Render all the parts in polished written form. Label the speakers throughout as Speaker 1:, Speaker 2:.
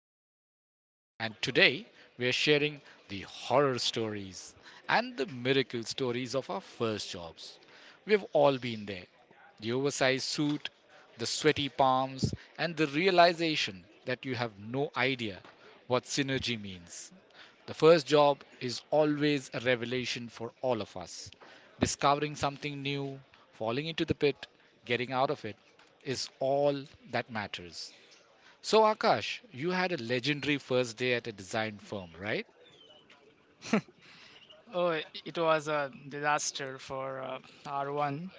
Speaker 1: is Krishna, and today we are sharing the horror stories and the miracle stories of our first jobs. We've all been there the oversized suit, the sweaty palms, and the realization that you have no idea what synergy means. The first job is always a revelation for all of us. Discovering something new, falling into the pit, getting out of it is all that matters. So, Akash, you had a legendary first day at a design firm, right?
Speaker 2: Oh, it was a disaster for R1.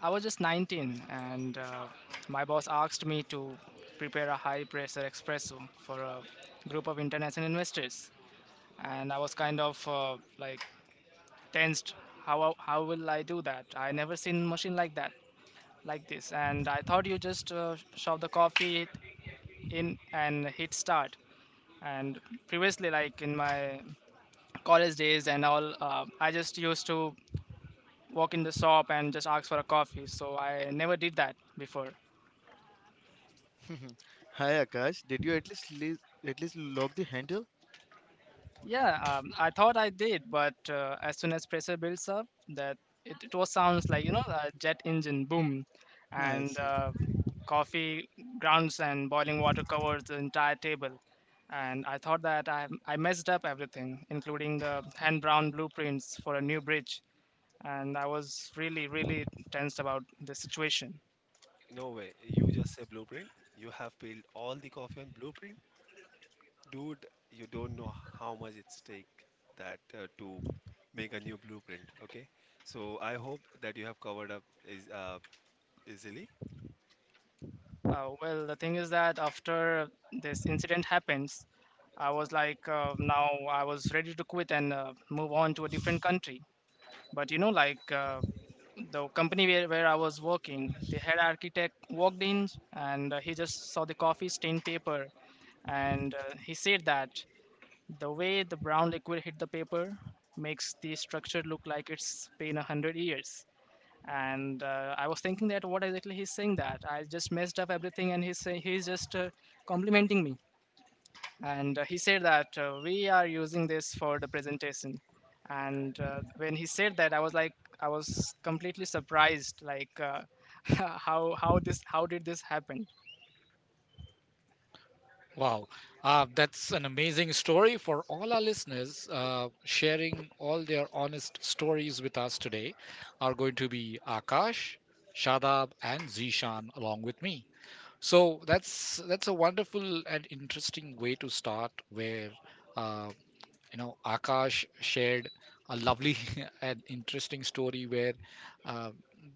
Speaker 2: I was just 19, and my boss asked me to prepare a high pressure espresso for a group of international investors. And I was kind of like tensed. How will I do that? I never seen machine like this. And I thought you just shove the coffee in and hit start. And previously, like in my college days and all, I just used to walk in the shop and just ask for a coffee. So I never did that before.
Speaker 3: Hi Akash, did you at least lock the handle?
Speaker 2: Yeah, I thought I did, but as soon as pressure builds up, that it was sounds like a jet engine boom,
Speaker 3: I
Speaker 2: and
Speaker 3: see.
Speaker 2: uh, coffee grounds and boiling water covers the entire table. And I thought that I messed up everything, including the hand drawn blueprints for a new bridge. And I was really tensed about the situation.
Speaker 4: No way. You just say blueprint. You have peeled all the coffee on blueprint. Dude, you don't know how much it's take that to make a new blueprint. Okay. So I hope that you have covered up is easily.
Speaker 2: Well, the thing is that after this incident happens, I was like, now I was ready to quit and move on to a different country. But you know, like the company where I was working, the head architect walked in and he just saw the coffee stained paper and he said that the way the brown liquid hit the paper makes the structure look like it's been a hundred years, and I was thinking that what exactly he's saying, that I just messed up everything and he's saying, he's just complimenting me. And he said that we are using this for the presentation. And when he said that, I was like, I was completely surprised, like how did this happen.
Speaker 1: Wow, that's an amazing story. For all our listeners sharing all their honest stories with us today are going to be Akash, Shadab, and Zishan along with me. So that's a wonderful and interesting way to start, where uh, Akash shared a lovely and interesting story where uh,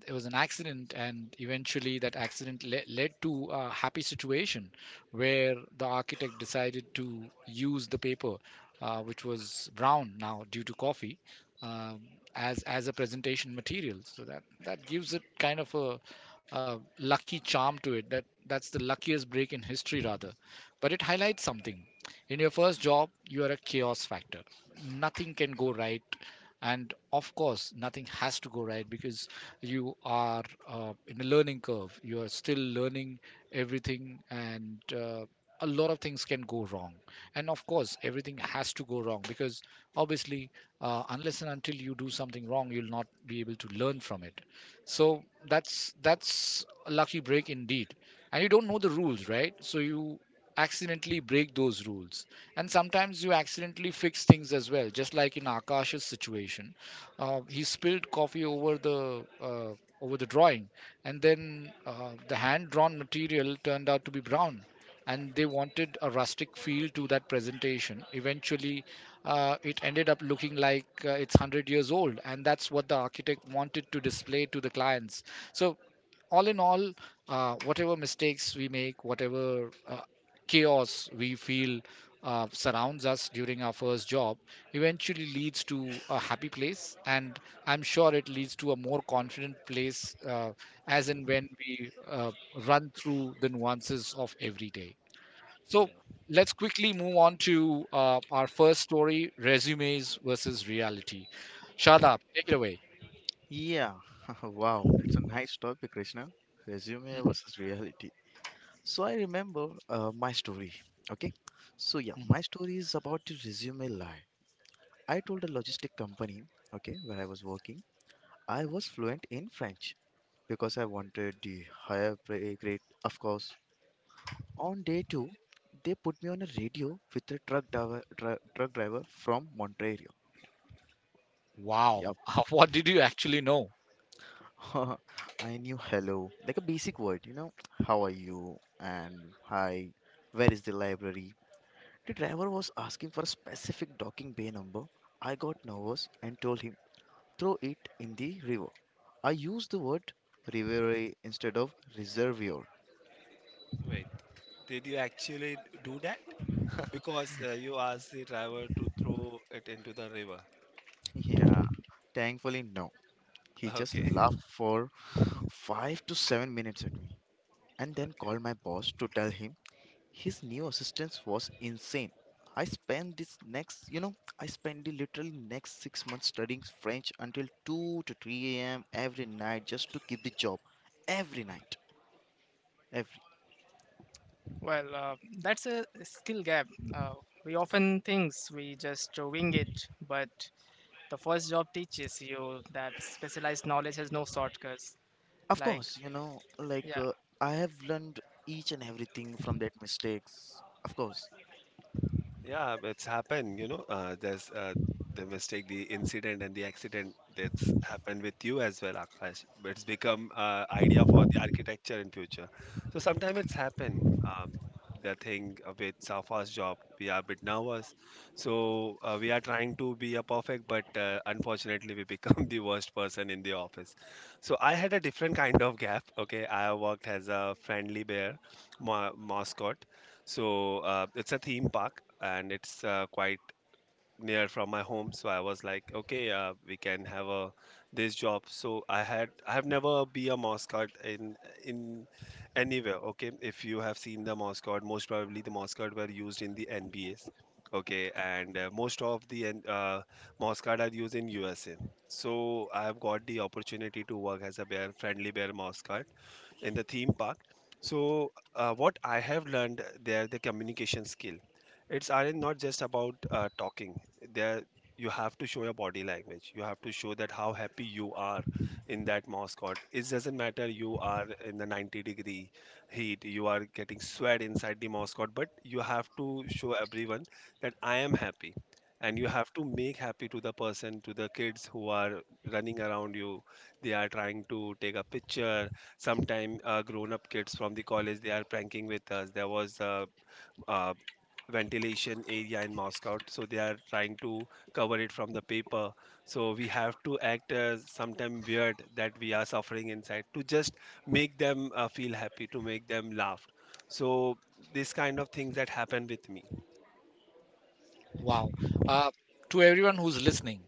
Speaker 1: there was an accident, and eventually that accident led to a happy situation where the architect decided to use the paper, which was brown now due to coffee, um, as a presentation material. So that gives it kind of a lucky charm to it. That's the luckiest break in history, rather, but it highlights something. In your first job, you are a chaos factor. Nothing can go right. And of course, nothing has to go right because you are in a learning curve. You are still learning everything, and a lot of things can go wrong. And of course, everything has to go wrong because obviously, unless and until you do something wrong, you'll not be able to learn from it. So that's a lucky break indeed. And you don't know the rules, right? So you accidentally break those rules, and sometimes you accidentally fix things as well, just like in Akash's situation. He spilled coffee over the drawing, and then the hand drawn material turned out to be brown, and they wanted a rustic feel to that presentation. Eventually, it ended up looking like it's 100 years old, and that's what the architect wanted to display to the clients. So all in all, whatever mistakes we make, whatever chaos we feel surrounds us during our first job, eventually leads to a happy place. And I'm sure it leads to a more confident place as and when we run through the nuances of every day. So
Speaker 4: Yeah.
Speaker 1: let's quickly move on to our first story, resumes versus reality. Shadab, take it away.
Speaker 3: Yeah, wow, that's a nice topic, Krishna. Resume versus reality. So I remember my story. Okay, so yeah, my story is about the resume lie. I told a logistic company, okay, where I was working, I was fluent in French because I wanted the higher pay grade, of course. On day two, they put me on a radio with a truck driver, truck driver from Montreal.
Speaker 1: Wow,
Speaker 3: Yeah.
Speaker 1: what did you actually know?
Speaker 3: I knew hello, like a basic word, you know. How are you? And hi, where is the library? The driver was asking for a specific docking bay number. I got nervous and told him, throw it in the river. I used the word riveré instead of reservoir.
Speaker 4: Wait. Did you actually do that? Because you asked the driver to throw it into the river.
Speaker 3: Yeah, thankfully, no. He just
Speaker 4: Okay.
Speaker 3: laughed for 5 to 7 minutes at me and then called
Speaker 4: Okay.
Speaker 3: my boss to tell him his new assistance was insane. I spent the literal next 6 months studying French until 2 to 3 a.m. every night just to keep the job. Every night. Every.
Speaker 2: Well that's a skill gap, uh, we often think we just wing it, but the first job teaches you that specialized knowledge has no shortcuts.
Speaker 3: Of
Speaker 2: Like,
Speaker 3: course, you know,
Speaker 2: yeah.
Speaker 3: I have learned each and everything from that mistakes. Of course.
Speaker 4: Yeah, it's happened. You know, there's the mistake, the incident, and the accident that's happened with you as well, Akash. But it's become idea for the architecture in future. So sometimes it's happened. The thing with our first job, we are a bit nervous, so we are trying to be a perfect, but unfortunately, we become the worst person in the office. So I had a different kind of gap. Okay, I worked as a friendly bear mascot. So it's a theme park and it's quite near from my home, so I was like, okay, we can have a this job. So I have never be a mascot in in anywhere. Okay, if you have seen the mascot, most probably the mascot were used in the N B A's. Okay, and most of the mascot are used in USA, so I have got the opportunity to work as a bear, friendly bear mascot in the theme park. So, what I have learned there, the communication skill, it's are not just about talking. There, you have to show your body language. You have to show that how happy you are in that mascot. It doesn't matter you are in the 90-degree heat, you are getting sweat inside the mascot, but you have to show everyone that I am happy. And you have to make happy to the person, to the kids who are running around you. They are trying to take a picture sometime grown up kids from the college. They are pranking with us. There was a, uh ventilation area in Moscow, so they are trying to cover it from the paper. So we have to act sometime weird that we are suffering inside to just make them feel happy, to make them laugh. So this kind of things that happen with me.
Speaker 1: Wow. Uh, to everyone who's listening,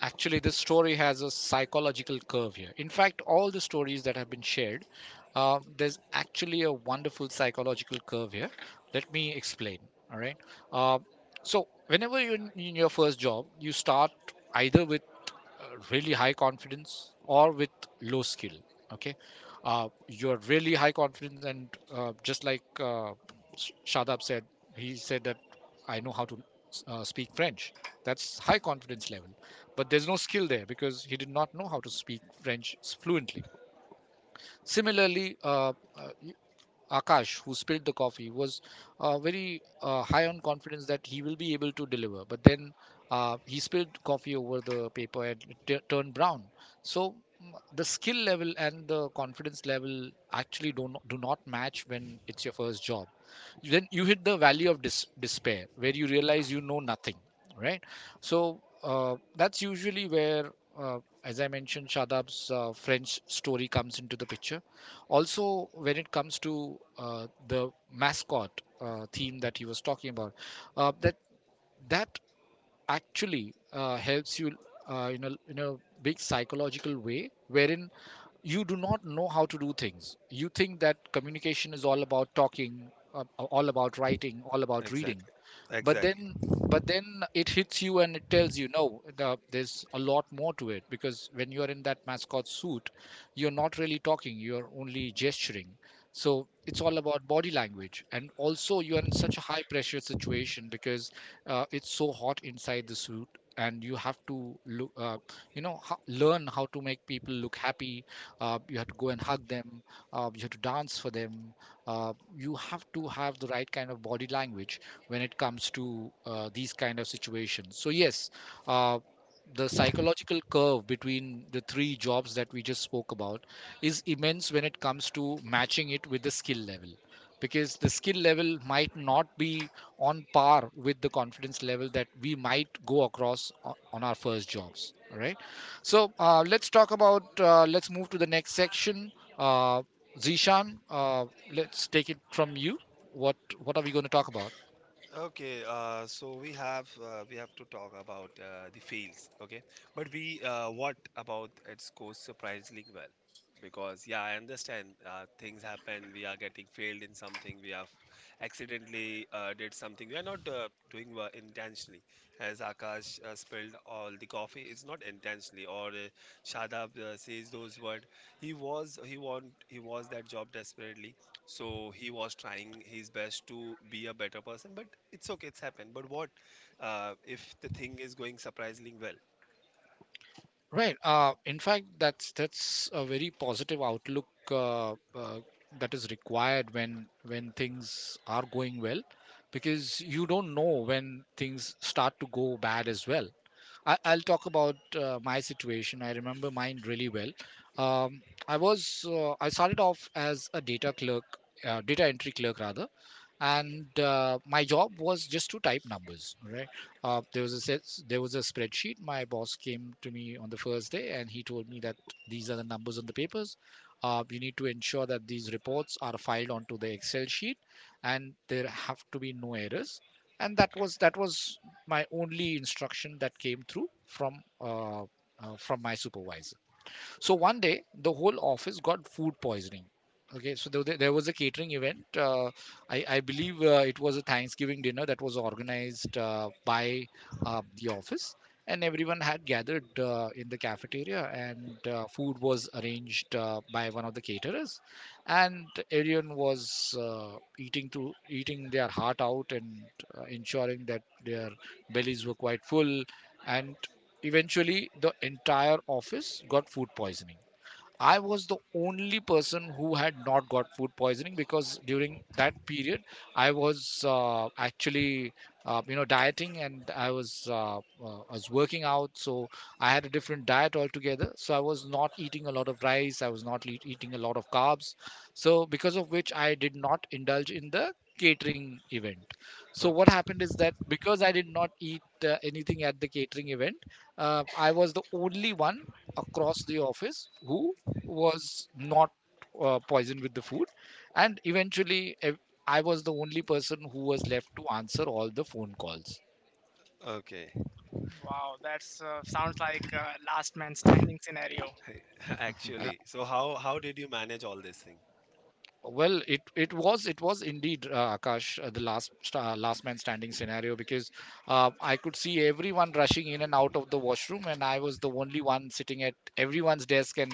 Speaker 1: actually, this story has a psychological curve here. In fact, all the stories that have been shared, there's actually a wonderful psychological curve here. Let me explain. All right. Uh, so, whenever you're in your first job, you start either with uh, really high confidence or with low skill. Okay. You're really high confidence, and just like Shadab said. He said that I know how to speak French. That's high confidence level, but there's no skill there because he did not know how to speak French fluently. Similarly, uh, Akash, who spilled the coffee, was very high on confidence that he will be able to deliver. But then he spilled coffee over the paper, and it turned brown. So the skill level and the confidence level actually do not match when it's your first job. Then you hit the valley of despair, where you realize you know nothing, right? So that's usually where, as I mentioned, Shadab's French story comes into the picture. Also, when it comes to the mascot theme that he was talking about, uh, that that actually helps you in a big psychological way wherein you do not know how to do things. You think that communication is all about talking, all about writing, all about reading.
Speaker 4: Exactly.
Speaker 1: but
Speaker 4: Exactly.
Speaker 1: then but then it hits you and it tells you no, there's a lot more to it, because when you're in that mascot suit, you're not really talking, you're only gesturing. So it's all about body language, and also you're in such a high pressure situation because it's so hot inside the suit, and you have to look learn how to make people look happy. You have to go and hug them, you have to dance for them, you have to have the right kind of body language when it comes to these kind of situations. So yes, uh, the psychological curve between the three jobs that we just spoke about is immense when it comes to matching it with the skill level, because the skill level might not be on par with the confidence level that we might go across on our first jobs. All right. So let's talk about let's move to the next section. uh, Zishan, let's take it from you. What what are we going to talk about?
Speaker 4: Okay, so we have to talk about the fails, okay? But we what about it goes surprisingly well? Because, yeah, I understand things happen. We are getting failed in something. We have accidentally did something. We are not doing well intentionally. As Akash spilled all the coffee, it's not intentionally. Or Shadab says those words. He was that job desperately, so he was trying his best to be a better person, but it's okay, it's happened. But what if the thing is going surprisingly well?
Speaker 1: Right. In fact, that's a very positive outlook that is required when things are going well, because you don't know when things start to go bad as well. I'll talk about my situation. I remember mine really well. Um, I was I started off as a data clerk, data entry clerk rather, and my job was just to type numbers. Right? There was a set, there was a spreadsheet. My boss came to me on the first day and he told me that these are the numbers on the papers. You need to ensure that these reports are filed onto the Excel sheet, and there have to be no errors. And that was my only instruction that came through from my supervisor. So one day, the whole office got food poisoning. Okay, so there was a catering event. I believe it was a Thanksgiving dinner that was organized by the office, and everyone had gathered in the cafeteria, and food was arranged by one of the caterers, and everyone was eating to eating their heart out and ensuring that their bellies were quite full, and eventually, the entire office got food poisoning. I was the only person who had not got food poisoning, because during that period I was actually dieting, and I was working out. So I had a different diet altogether. So I was not eating a lot of rice, I was not eating a lot of carbs. So because of which I did not indulge in the catering event. So what
Speaker 4: Okay.
Speaker 1: happened is that because I did not eat anything at the catering event, I was the only one across the office who was not poisoned with the food. And eventually I was the only person who was left to answer all the phone calls.
Speaker 4: Okay.
Speaker 2: Wow, that's sounds like a last man standing scenario.
Speaker 1: Uh,
Speaker 4: Actually, so how did you manage all this thing?
Speaker 1: Well, it was indeed Akash, the last man standing scenario, because I could see everyone rushing in and out of the washroom, and I was the only one sitting at everyone's desk and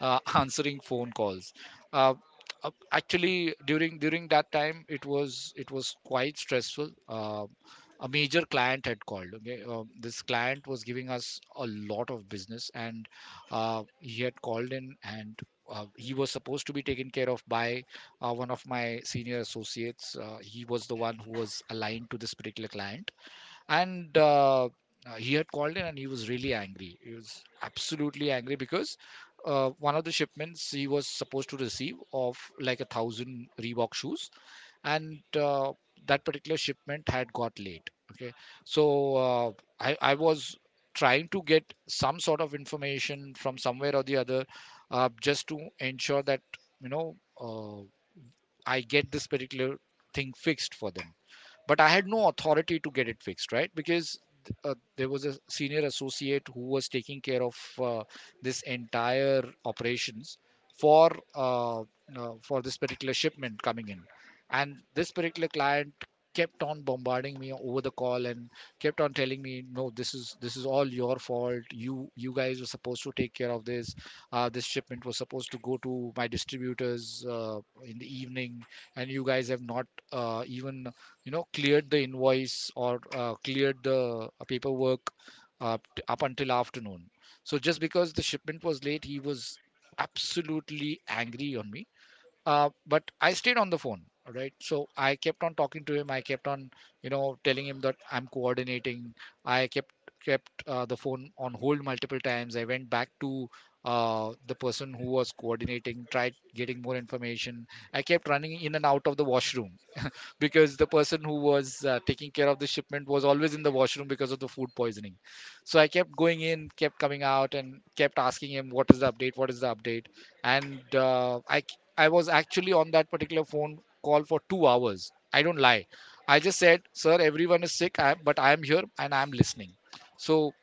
Speaker 1: answering phone calls. Uh, Actually, during that time, it was quite stressful. A major client had called. Okay, this client was giving us a lot of business, and he had called in, and he was supposed to be taken care of by one of my senior associates. He was the one who was aligned to this particular client, and he had called in, and he was really angry. He was absolutely angry because one of the shipments he was supposed to receive of like a thousand Reebok shoes, and that particular shipment had got late. Okay, so I was trying to get some sort of information from somewhere or the other, just to ensure that, you know uh, I get this particular thing fixed for them, but I had no authority to get it fixed, right? Because there was a senior associate who was taking care of, uh, this entire operations for for this particular shipment coming in and this particular client, kept on bombarding me over the call and kept on telling me, no, this is all your fault, you guys were supposed to take care of this. This shipment was supposed to go to my distributors in the evening, and you guys have not, even cleared the invoice or cleared the paperwork up until afternoon. So just because the shipment was late, he was absolutely angry on me. But I stayed on the phone, all right? So I kept on talking to him, I kept on, telling him that I'm coordinating. I kept the phone on hold multiple times. I went back to the person who was coordinating, tried getting more information. I kept running in and out of the washroom because the person who was taking care of the shipment was always in the washroom because of the food poisoning. So I kept going in, kept coming out, and kept asking him, "What is the update? What is the update?" And I was actually on that particular phone call for 2 hours. I don't lie. I just said, "Sir, everyone is sick, I, but I am here and I am listening." So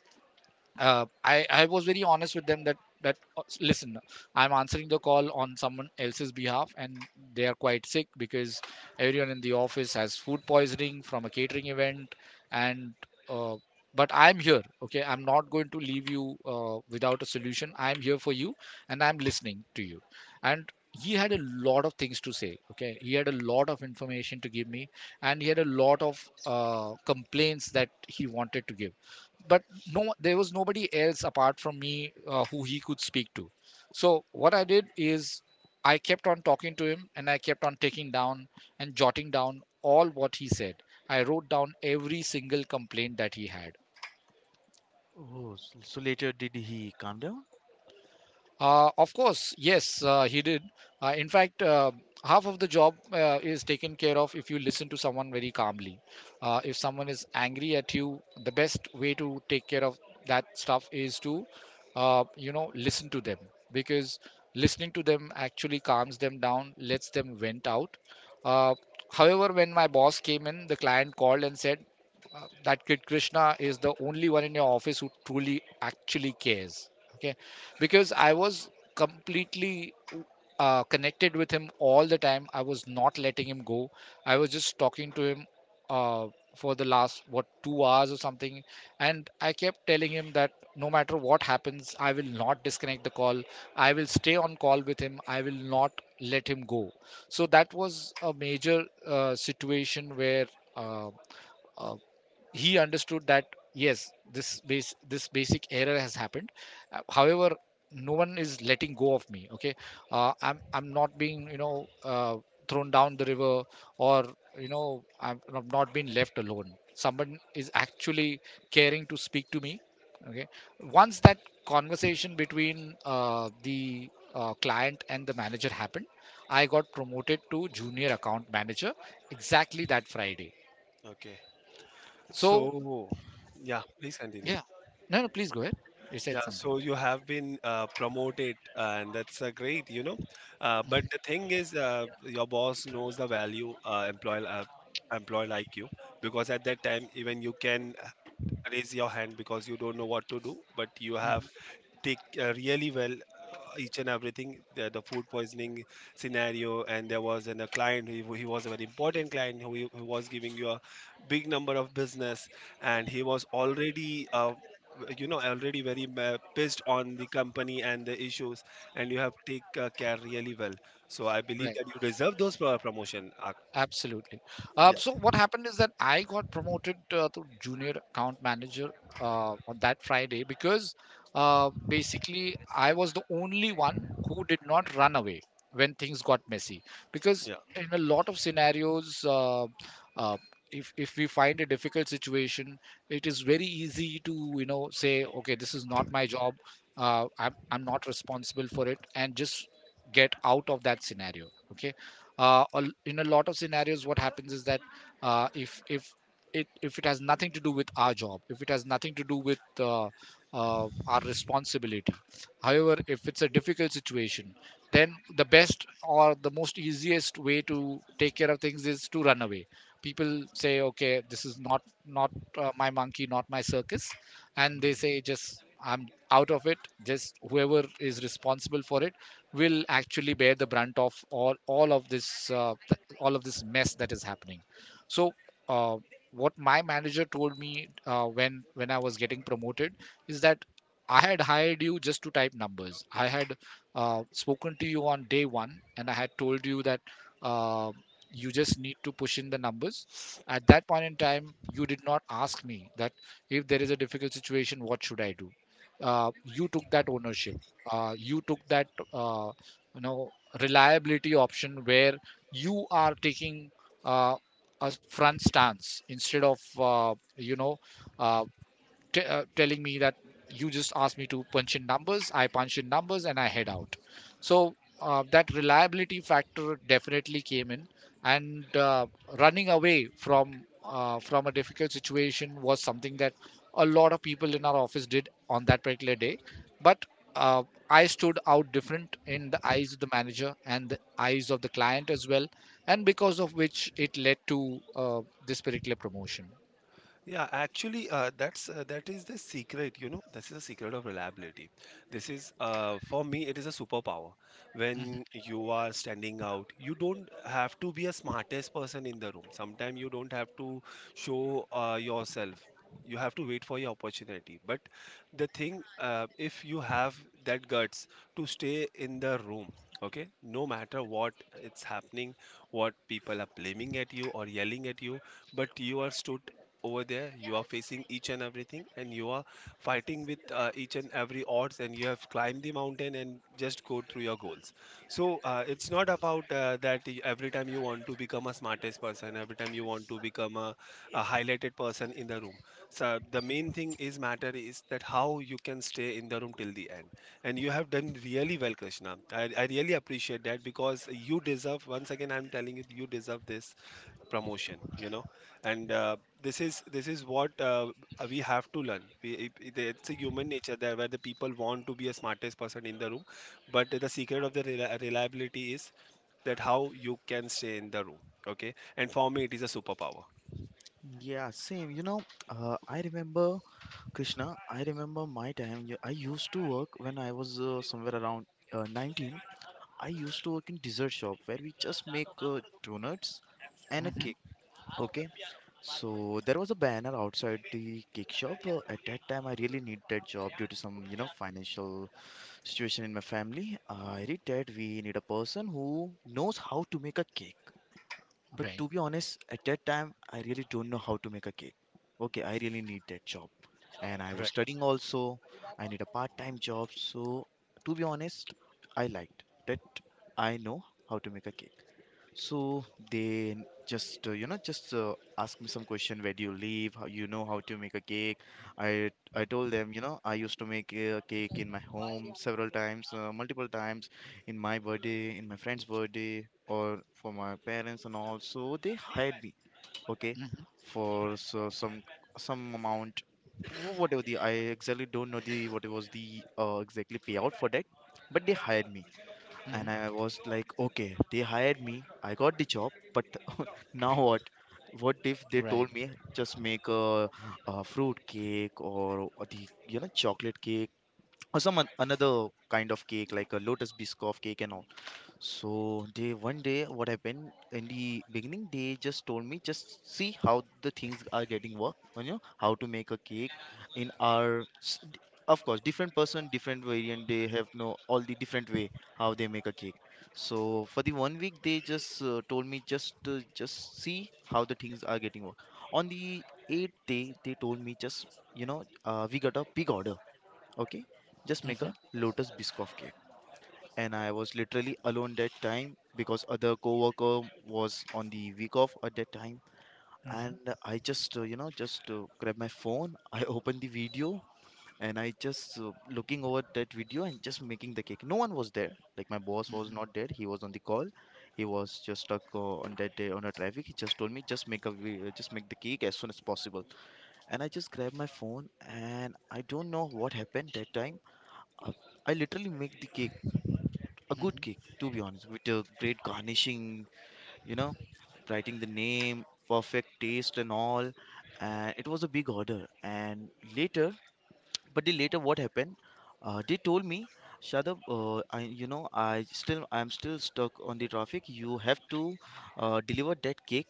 Speaker 1: I was very honest with them, that that listen, I'm answering the call on someone else's behalf, and they are quite sick because everyone in the office has food poisoning from a catering event. And uh, but I'm here, okay? I'm not going to leave you without a solution. I'm here for you and I'm listening to you. And he had a lot of things to say, okay? He had a lot of information to give me, and he had a lot of complaints that he wanted to give. But no, there was nobody else apart from me who he could speak to. So what I did is I kept on talking to him and I kept on taking down and jotting down all what he said. I wrote down every single complaint that he had.
Speaker 3: Oh, so later did he calm down?
Speaker 1: Of course, yes, he did. In fact, half of the job is taken care of if you listen to someone very calmly. If someone is angry at you, the best way to take care of that stuff is to, listen to them, because listening to them actually calms them down, lets them vent out. Uh, However, when my boss came in, the client called and said, that kid Krishna is the only one in your office who truly actually cares. Okay, because I was completely connected with him all the time. I was not letting him go. I was just talking to him uh, for the last, what, 2 hours or something, and I kept telling him that no matter what happens, I will not disconnect the call. I will stay on call with him. I will not let him go. So that was a major situation where. Uh, uh, he understood that yes, this basic error has happened. However, no one is letting go of me, okay? I'm not being, uh, thrown down the river, or, you know I'm not being left alone. Someone is actually caring to speak to me, okay? Once that conversation between the client and the manager happened, I got promoted to junior account manager exactly that Friday.
Speaker 4: Okay,
Speaker 1: So,
Speaker 4: so yeah, please continue.
Speaker 1: yeah. No, no, please go ahead. You said
Speaker 4: Yeah,
Speaker 1: something.
Speaker 4: so you have been promoted, and that's great, you know. But the thing is, your boss knows the value employee employee like you, because at that time even you can raise your hand because you don't know what to do, but you have take really well each and everything, the food poisoning scenario. And there was a client who, he was a very important client, who was giving you a big number of business, and he was already you know, already very pissed on the company and the issues, and you have take care really well. So I believe
Speaker 1: Right.
Speaker 4: that you deserve those promotion,
Speaker 1: Absolutely.
Speaker 4: yeah.
Speaker 1: So what happened is that I got promoted to junior account manager on that Friday because basically I was the only one who did not run away when things got messy. Because
Speaker 4: Yeah.
Speaker 1: in a lot of scenarios, uh, if we find a difficult situation, it is very easy to, say, okay, this is not my job. I'm not responsible for it, and just get out of that scenario. Okay, in a lot of scenarios what happens is that uh, if if if it has nothing to do with our job, if it has nothing to do with our responsibility, however, if it's a difficult situation, then the best or the most easiest way to take care of things is to run away. People say, okay, this is not my monkey, not my circus, and they say, just I'm out of it. Just whoever is responsible for it will actually bear the brunt of all of this, all of this mess that is happening. So uh, what my manager told me, when I was getting promoted, is that I had hired you just to type numbers. I had spoken to you on day one and I had told you that, uh, you just need to push in the numbers. At that point in time, you did not ask me that if there is a difficult situation, what should I do. uh, you took that ownership. You took that, you know reliability option, where you are taking uh, a front stance instead of, uh, telling me that, you just asked me to punch in numbers, I punch in numbers and I head out. So that reliability factor definitely came in. And running away from, from a difficult situation was something that a lot of people in our office did on that particular day. But uh, I stood out different in the eyes of the manager and the eyes of the client as well, and because of which, it led to uh, this particular promotion.
Speaker 4: Yeah, actually, that's that is the secret. You know, this is the secret of reliability. This is, for me, it is a superpower. When you are standing out, you don't have to be a smartest person in the room. Sometimes you don't have to show yourself. You have to wait for your opportunity. But the thing, if you have that guts to stay in the room. Okay, no matter what it's happening, what people are blaming at you or yelling at you, but you are stood over there, you are facing each and everything, and you are fighting with each and every odds, and you have climbed the mountain and just go through your goals. So it's not about every time you want to become a smartest person, every time you want to become a highlighted person in the room. So the main thing is matter is that how you can stay in the room till the end. And you have done really well, Krishna. I really appreciate that, because you deserve. Once again, I'm telling you, you deserve this promotion, you know. And this is what we have to learn. It- it's a human nature there, where the people want to be a smartest person in the room. But the secret of the reliability is that how you can stay in the room. Okay, and for me, it is a superpower.
Speaker 3: Yeah, same. You know, I remember Krishna, I remember my time. I used to work when I was somewhere around 19. I used to work in dessert shop where we just make donuts and a
Speaker 1: hmm
Speaker 3: cake. Okay, so there was a banner outside the cake shop. At that time, I really need that job due to some, you know, financial situation in my family. I read that we need a person who knows how to make a cake. But
Speaker 1: right.
Speaker 3: to be honest, at that time, I really don't know how to make a cake. Okay, I really need that job. And I was
Speaker 1: right
Speaker 3: studying also. I need a part time job. So, to be honest, I liked that I know how to make a cake. So they just, you know, just ask me some question. Where do you live? How you know how to make a cake? I I told them, you know, I used to make a cake in my home several times, multiple times, in my birthday, in my friend's birthday, or for my parents and all. So they hired me, okay, for some amount, whatever the I exactly don't know the what was the exactly payout for that, but they hired me
Speaker 1: hmm
Speaker 3: and I was like, okay, they hired me, I got the job, but now what? What if they
Speaker 1: Right.
Speaker 3: told me just make a fruit cake or the you know chocolate cake or some another kind of cake like a lotus biscoff cake and all? So they one day what happened in the beginning they just told me just see how the things are getting work, you know, how to make a cake in our of course different person different variant they have no all the different way how they make a cake. So for the one week they just told me, just see how the things are getting work. On the eighth day they told me, just, you know, we got a big order. Okay, just make a
Speaker 1: hmm
Speaker 3: lotus biscoff cake. And I was literally alone that time because other coworker was on the week off at that time. And
Speaker 1: hmm
Speaker 3: I just, grabbed my phone. I opened the video and I just looking over that video and just making the cake. No one was there. Like my boss was not there. He was on the call. He was just stuck on that day on a traffic. He just told me just make the cake as soon as possible. And I just grabbed my phone and I don't know what happened that time. Uh, I literally make the cake, a good cake to be honest, with a great garnishing, you know, writing the name perfect taste and all, and it was a big order. And later, but they later what happened, they told me, Shadab, I, you know, I'm still stuck on the traffic. You have to deliver that cake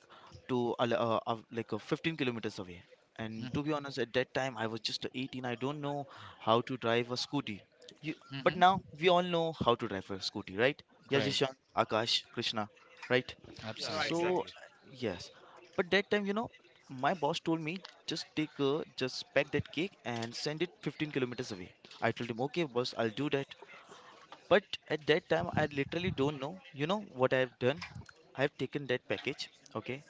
Speaker 3: to 15 kilometers away. And to be honest, at that time I was just 18, I don't know how to drive a scooty. You,
Speaker 1: hmm
Speaker 3: but now
Speaker 1: hmm
Speaker 3: we all know how to drive a scooty, right? Yeah,
Speaker 1: Right.
Speaker 3: Jishan, Akash, Krishna, right?
Speaker 4: Yeah,
Speaker 2: Right,
Speaker 1: Absolutely.
Speaker 2: right.
Speaker 3: So,
Speaker 4: exactly.
Speaker 3: yes. But that time, you know, my boss told me, just pack that cake and send it 15 kilometers away. I told him, okay, boss, I'll do that. But at that time, I literally don't know, you know, what I've done. I've taken that package, okay.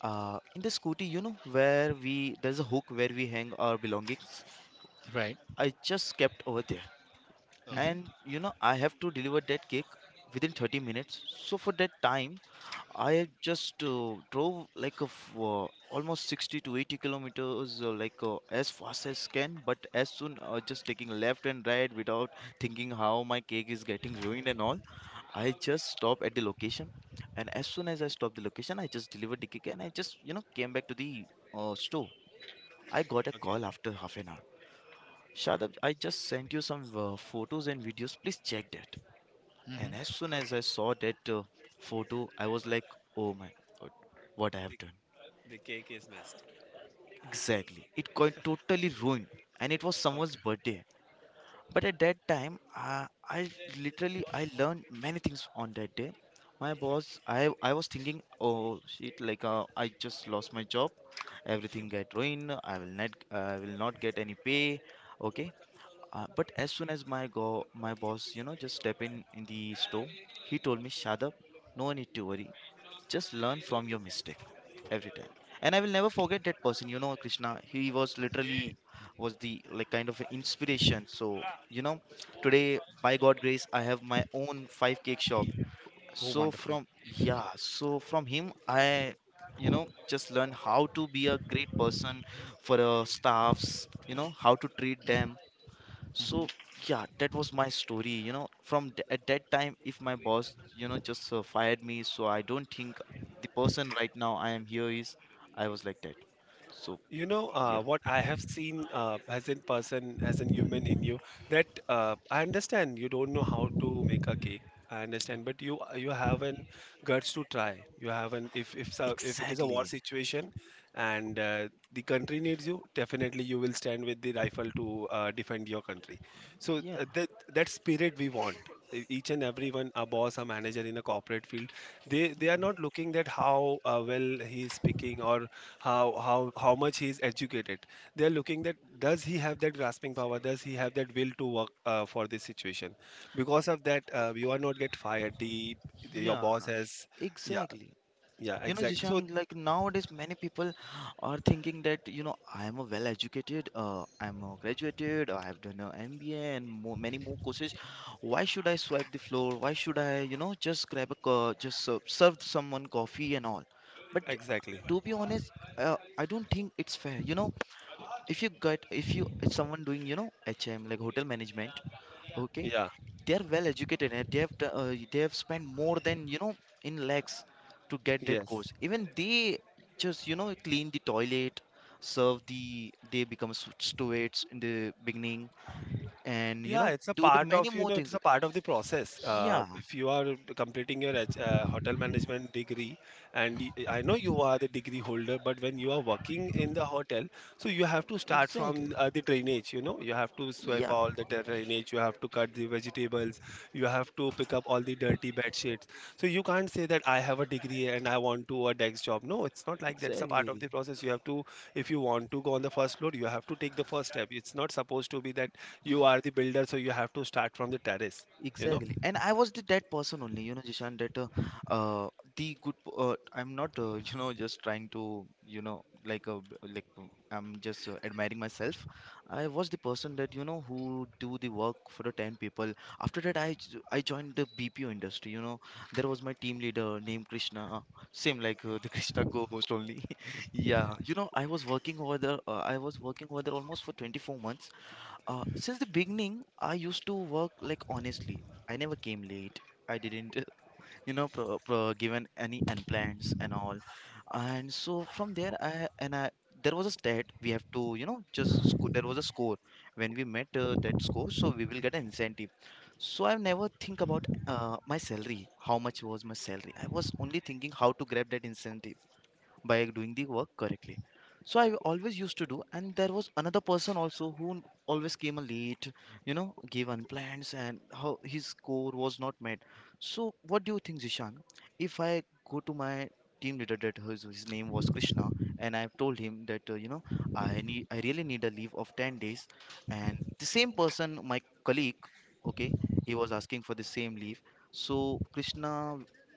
Speaker 3: In the scooty, you know, where we there's a hook where we hang our belongings.
Speaker 1: Right.
Speaker 3: I just kept over there,
Speaker 4: Okay.
Speaker 3: and
Speaker 1: hmm
Speaker 3: you know, I have to deliver that cake within 30 minutes. So for that time, I just drove like of almost 60 to 80 kilometers, like as fast as can, but as soon just taking left and right without thinking how my cake is getting ruined and all. I just stop at the location, and as soon as I stop the location, I just delivered the cake and I just you know came back to the store. I got a
Speaker 4: Okay.
Speaker 3: call after half an hour. Shadab, I just sent you some photos and videos. Please check that. And as
Speaker 1: hmm
Speaker 3: soon as
Speaker 4: Okay.
Speaker 3: I saw that photo, I was like, oh my god, what I
Speaker 4: the,
Speaker 3: have done.
Speaker 4: the cake is messed.
Speaker 3: Exactly. It got totally ruined. And it was someone's
Speaker 4: Okay.
Speaker 3: birthday. But at that time, I literally I learned many things on that day. My boss, I was thinking, oh shit, I just lost my job. Everything get ruined. I will not get any pay. Okay. But as soon as my go my boss, you know, just step in the store, he told me, Shadab, no need to worry, just learn from your mistake every time. And I will never forget that person, you know, Krishna, he was literally was the like kind of an inspiration. So, you know, today by god grace I have my own 5 cake shop.
Speaker 1: Oh,
Speaker 3: So
Speaker 1: wonderful.
Speaker 3: from, yeah, so from him I, you know, just learn how to be a great person for staffs, you know, how to treat them. So yeah, that was my story. You know, from at that time, if my boss, you know, just fired me, so I don't think the person right now I am here is I was like that. So
Speaker 4: You know,
Speaker 3: yeah,
Speaker 4: what I have seen as in person, as in human in you, that I understand you don't know how to make a cake. I understand, but you have an guts to try. You have an, if so, if it is a war
Speaker 3: exactly.
Speaker 4: situation, and the country needs you, definitely you will stand with the rifle to defend your country. So
Speaker 3: Yeah,
Speaker 4: that spirit we want. E- each and everyone, a boss, a manager in a corporate field, they are not looking that how well he is speaking or how much he is educated. They are looking that does he have that grasping power, does he have that will to work for this situation. Because of that, you are not get fired. The your
Speaker 3: yeah,
Speaker 4: boss has. Yeah,
Speaker 3: exactly.
Speaker 4: yeah,
Speaker 3: You know,
Speaker 4: exactly, so
Speaker 3: Jishan, like nowadays, many people are thinking that, you know, I am a well-educated, I'm a graduated, I have done an MBA and more, many more courses. Why should I swipe the floor? Why should I, you know, just grab a, co- just serve someone coffee and all? But
Speaker 4: exactly.
Speaker 3: to be honest, I don't think it's fair. You know, if you get, if you, it's someone doing, you know, HM, like hotel management, okay?
Speaker 4: Yeah,
Speaker 3: They're well educated and they have spent more than, you know, in lakhs to get that
Speaker 4: yes.
Speaker 3: course. Even they just, you know, clean the toilet, serve the, they become stewards in the beginning, and you
Speaker 4: Yeah,
Speaker 3: know,
Speaker 4: it's a
Speaker 3: do the
Speaker 4: part
Speaker 3: many
Speaker 4: of, you
Speaker 3: more
Speaker 4: know, it's
Speaker 3: things.
Speaker 4: a part of the process.
Speaker 3: Yeah,
Speaker 4: If you are completing your hotel management degree, and I know you are the degree holder, but when you are working in the hotel, so you have to start
Speaker 3: exactly.
Speaker 4: from the drainage, you know, you have to swipe
Speaker 3: Yeah,
Speaker 4: all the drainage, you have to cut the vegetables, you have to pick up all the dirty bed sheets. So you can't say that I have a degree and I want to a desk job. No, it's not like that. It's a part of
Speaker 3: exactly.
Speaker 4: the process. You have to, if you want to go on the first floor, you have to take the first step. It's not supposed to be that you are the builder, so you have to start from the terrace, you know.
Speaker 3: Exactly. And I was the that person only, you know, Jishan, that uh the good p- I'm not you know, just trying to, you know, like I'm just admiring myself. I was the person that, you know, who do the work for the 10 people. After that I joined the BPO industry, you know. There was my team leader named Krishna, same like the Krishna co-host only. Yeah, you know, I was working over there almost for 24 months, since the beginning, I used to work like honestly. I never came late. I didn't, you know, given any unplans and all. And so from there, I and I there was a stat we have to, you know, there was a score when we met that score, so we will get an incentive. So I never think about my salary, how much was my salary. I was only thinking how to grab that incentive by doing the work correctly. So I always used to do. And there was another person also who always came late, you know, gave unplans and how his score was not met. So what do you think Zishan, if I go to my team leader that his name was Krishna, and I have told him that you know, I really need a leave of 10 days, and the same person my colleague, okay, he was asking for the same leave, so Krishna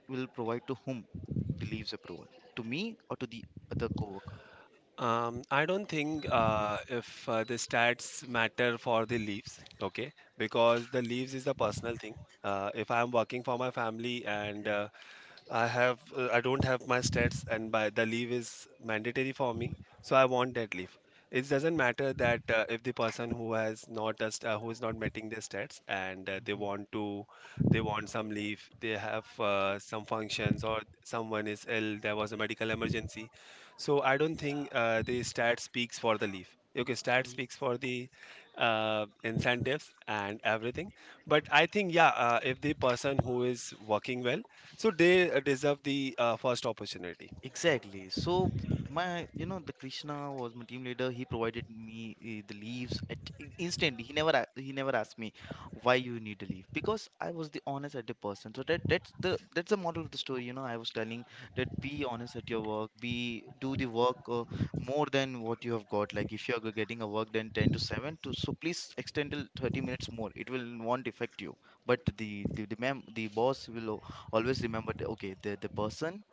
Speaker 3: will provide to whom the leaves approval, to me or to the other coworker?
Speaker 4: I don't think if the stats matter for the leaves, okay, because the leaves is a personal thing. If I am working for my family, and I have I don't have my stats, and by the leave is mandatory for me, so I want that leave. It doesn't matter that if the person who has not a who is not meeting their stats, and they
Speaker 3: Mhm.
Speaker 4: want to they want some leave, they have some functions or someone is ill, there was a medical emergency. So I don't think the stat speaks for the leave. Okay, stat speaks for the incentives and everything. But I think, yeah, if the person who is working well, so they deserve the first opportunity.
Speaker 3: Exactly. So my, you know, the Krishna was my team leader. He provided me the leaves instantly. He never asked me why you need a leave because I was the honest at the person. So that's the model of the story. You know, I was telling that, be honest at your work. Be do the work more than what you have got. Like if you are getting a work then 10 to 7, to so please extend till 30 minutes more. It will won't affect you. But the boss will always remember that, okay, the person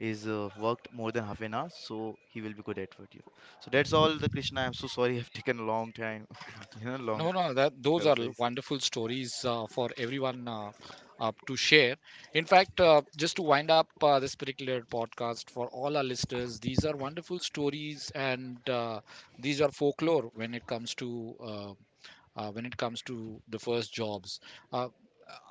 Speaker 3: is worked more than half an hour, so he will be good at what you. So that's all, the Krishna. I'm so sorry, I've taken a long time, you know, long
Speaker 1: No, no, no, that those are
Speaker 3: paraphrase.
Speaker 1: wonderful stories for everyone to share. In fact, just to wind up this particular podcast for all our listeners, these are wonderful stories, and these are folklore when it comes to, when it comes to the first jobs. Uh,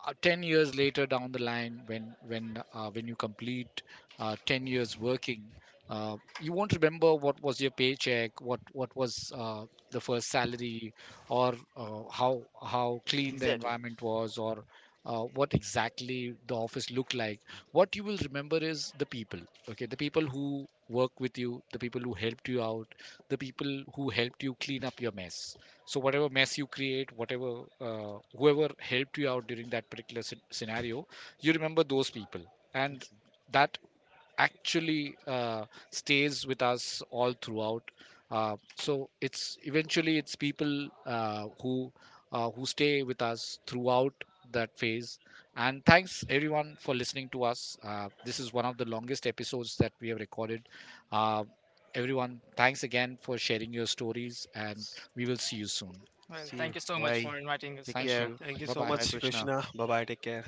Speaker 1: 10 years later down the line, when when you complete 10 years working, uh, you won't remember what was your paycheck, what was the first salary, or how clean the
Speaker 3: Exactly.
Speaker 1: environment was, or what exactly the office looked like. What you will remember is the people. Okay, the people who work with you, the people who helped you out, the people who helped you clean up your mess. So whatever mess you create, whatever, whoever helped you out during that particular scenario, you remember those people. And that actually stays with us all throughout. So it's, eventually it's people who stay with us throughout that phase. And thanks everyone for listening to us. This is one of the longest episodes that we have recorded. uh, Everyone, thanks again for sharing your stories, and we will see you soon.
Speaker 2: Well, thank
Speaker 3: See
Speaker 2: you
Speaker 3: you.
Speaker 2: so much for
Speaker 3: Bye.
Speaker 2: inviting us,
Speaker 3: Take
Speaker 2: Krishna.
Speaker 1: Thank
Speaker 3: care.
Speaker 1: you.
Speaker 4: Thank you
Speaker 1: Bye
Speaker 4: so
Speaker 1: bye.
Speaker 3: Bye,
Speaker 4: much,
Speaker 3: Krishna.
Speaker 4: Krishna. Bye bye. Take care.